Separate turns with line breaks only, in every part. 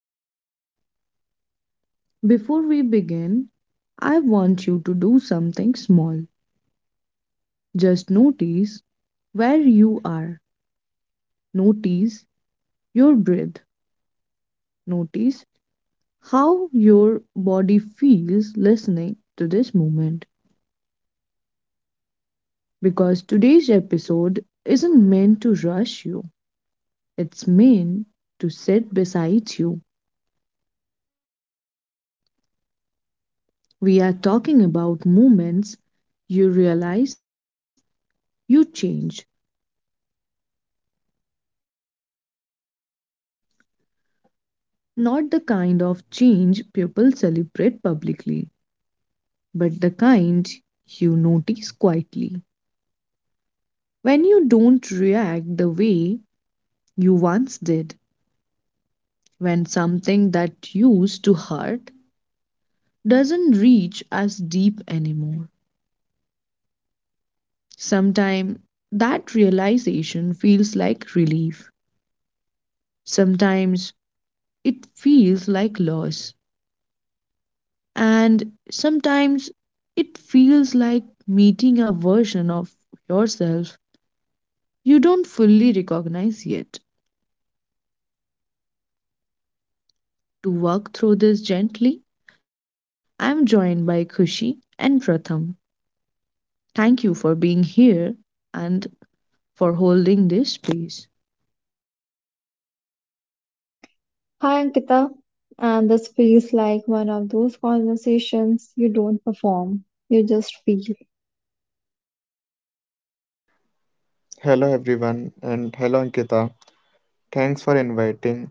Ankita. Before we begin, I want you to do something small. Just notice where you are, notice your breath, notice how your body feels listening to this moment. Because today's episode isn't meant to rush you, it's meant to sit beside you. We are talking about moments you realize you change, not the kind of change people celebrate publicly, but the kind you notice quietly. When you don't react the way you once did, when something that used to hurt doesn't reach as deep anymore. Sometimes that realization feels like relief. Sometimes it feels like loss. And sometimes it feels like meeting a version of yourself you don't fully recognize yet. To work through this gently, I'm joined by Kushi and Pratham. Thank you for being here and for holding this space.
Hi Ankita, and this feels like one of those conversations you don't perform, you just feel.
Hello everyone and hello Ankita. Thanks for inviting.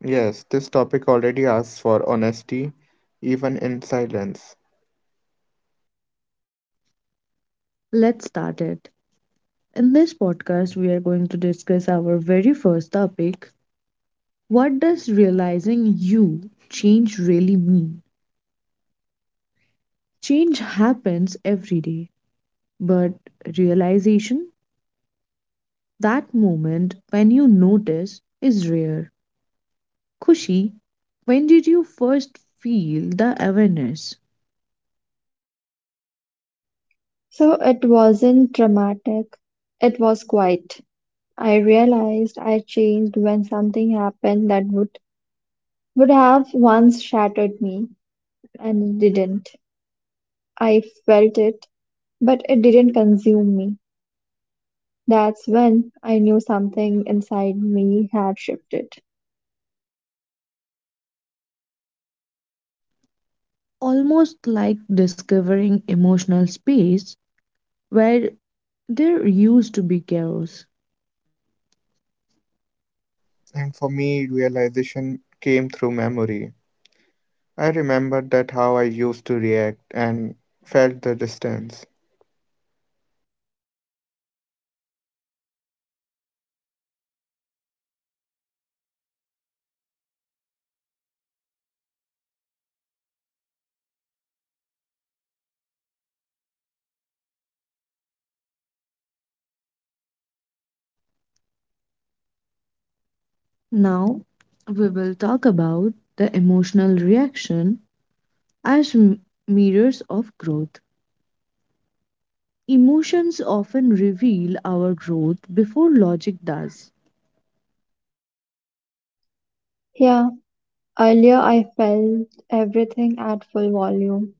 Yes, this topic already asks for honesty, even in silence.
Let's start it. In this podcast, we are going to discuss our very first topic. What does realizing you change really mean? Change happens every day. But realization, that moment when you notice, is rare. Kushi, when did you first feel the awareness?
So it wasn't dramatic, it was quiet. I realized I changed when something happened that would have once shattered me, and it didn't. I felt it, but it didn't consume me. That's when I knew something inside me had shifted.
Almost like discovering emotional space where there used to be chaos.
And for me, realization came through memory. I remembered that how I used to react and felt the distance.
Now, we will talk about the emotional reaction as mirrors of growth. Emotions often reveal our growth before logic does.
Yeah, earlier I felt everything at full volume.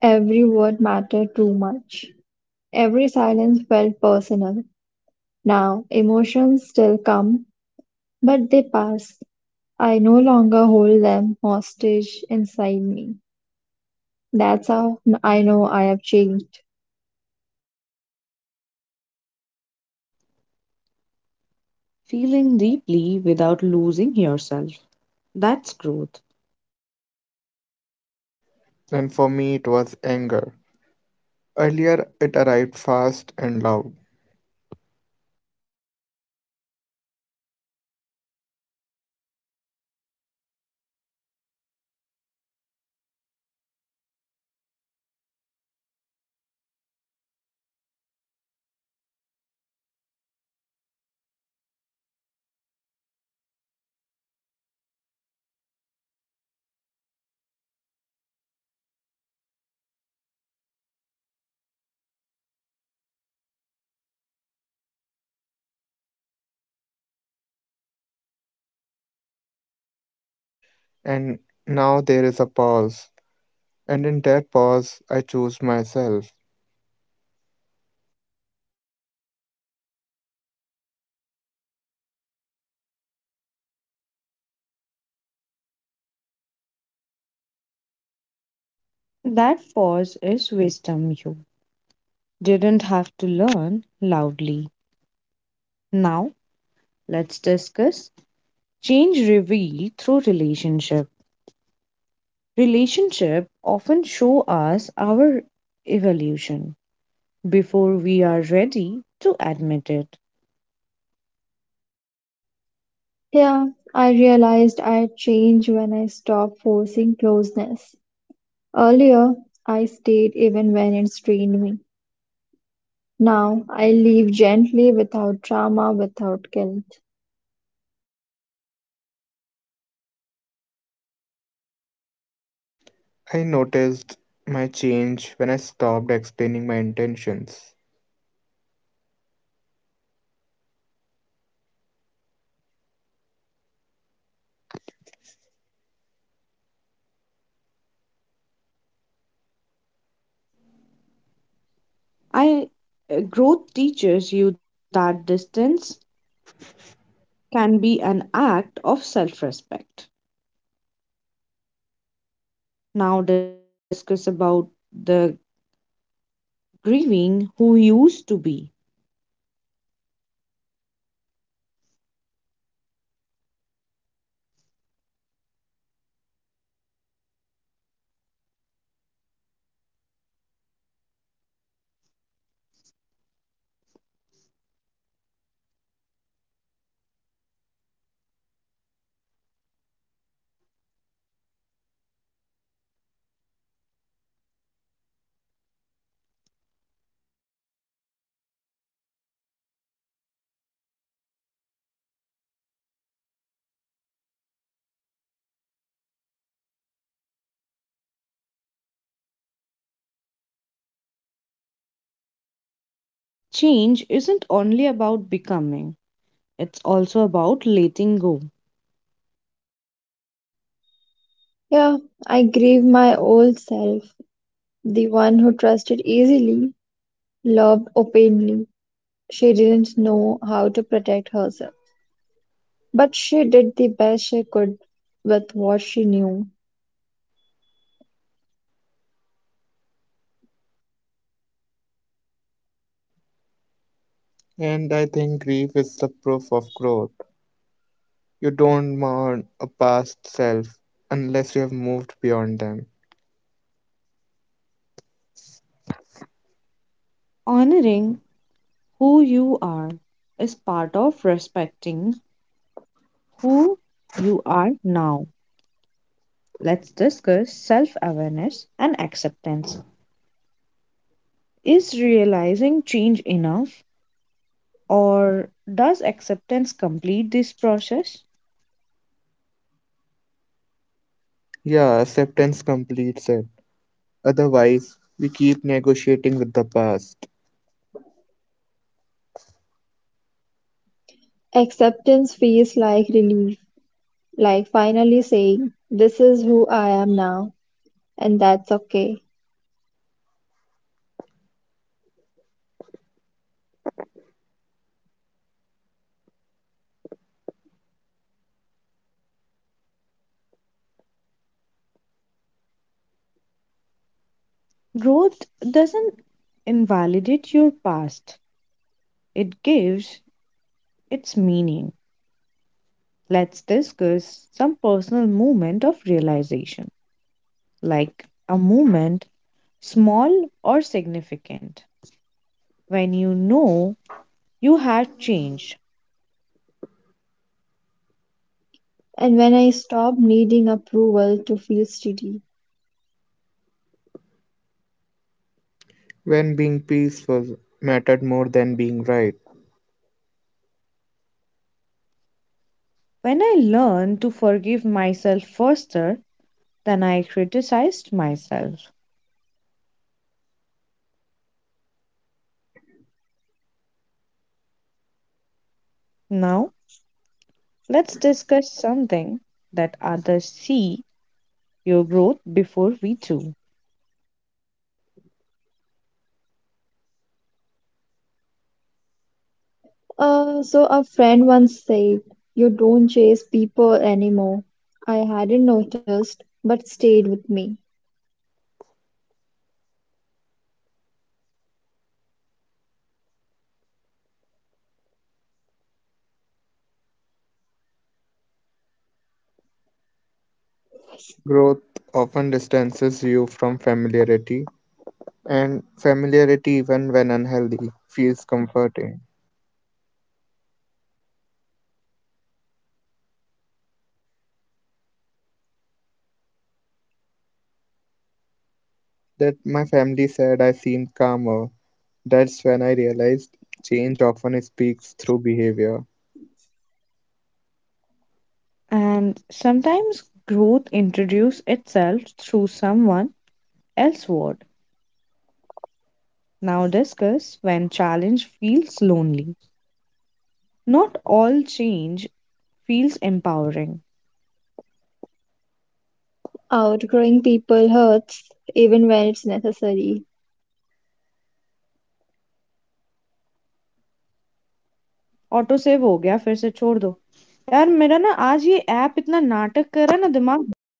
Every word mattered too much. Every silence felt personal. Now, emotions still come, but they pass. I no longer hold them hostage inside me. That's how I know I have changed.
Feeling deeply without losing yourself. That's growth.
And for me, it was anger. Earlier, it arrived fast and loud. And now there is a pause. And in that pause, I choose myself.
That pause is wisdom you didn't have to learn loudly. Now, let's discuss change revealed through relationship. Relationship often show us our evolution before we are ready to admit it.
Yeah, I realized I had changed when I stopped forcing closeness. Earlier, I stayed even when it strained me. Now, I leave gently without drama, without guilt.
I noticed my change when I stopped explaining my intentions.
I Growth teaches you that distance can be an act of self-respect. Now discuss about the grieving who used to be. Change isn't only about becoming, it's also about letting go.
Yeah, I grieve my old self. The one who trusted easily, loved openly. She didn't know how to protect herself, but she did the best she could with what she knew.
And I think grief is the proof of growth. You don't mourn a past self unless you have moved beyond them.
Honoring who you are is part of respecting who you are now. Let's discuss self awareness and acceptance. Is realizing change enough, or does acceptance complete this process?
Yeah, acceptance completes it. Otherwise, we keep negotiating with the past.
Acceptance feels like relief, like finally saying, "This is who I am now, and that's okay."
Growth doesn't invalidate your past, it gives its meaning. Let's discuss some personal moment of realization, like a moment, small or significant, when you know you had changed.
And when I stop needing approval to feel steady.
When being peaceful mattered more than being right,
When I learned to forgive myself faster than I criticized myself. Now, let's discuss something that others see your growth before we do.
A friend once said, "You don't chase people anymore." I hadn't noticed, but stayed with me.
growth often distances you from familiarity, and familiarity, even when unhealthy, feels comforting. That my family said I seemed calmer. That's when I realized change often speaks through behavior.
And sometimes growth introduces itself through someone else's word. Now discuss when challenge feels lonely. Not all change feels empowering.
Outgrowing people hurts, even when it's necessary.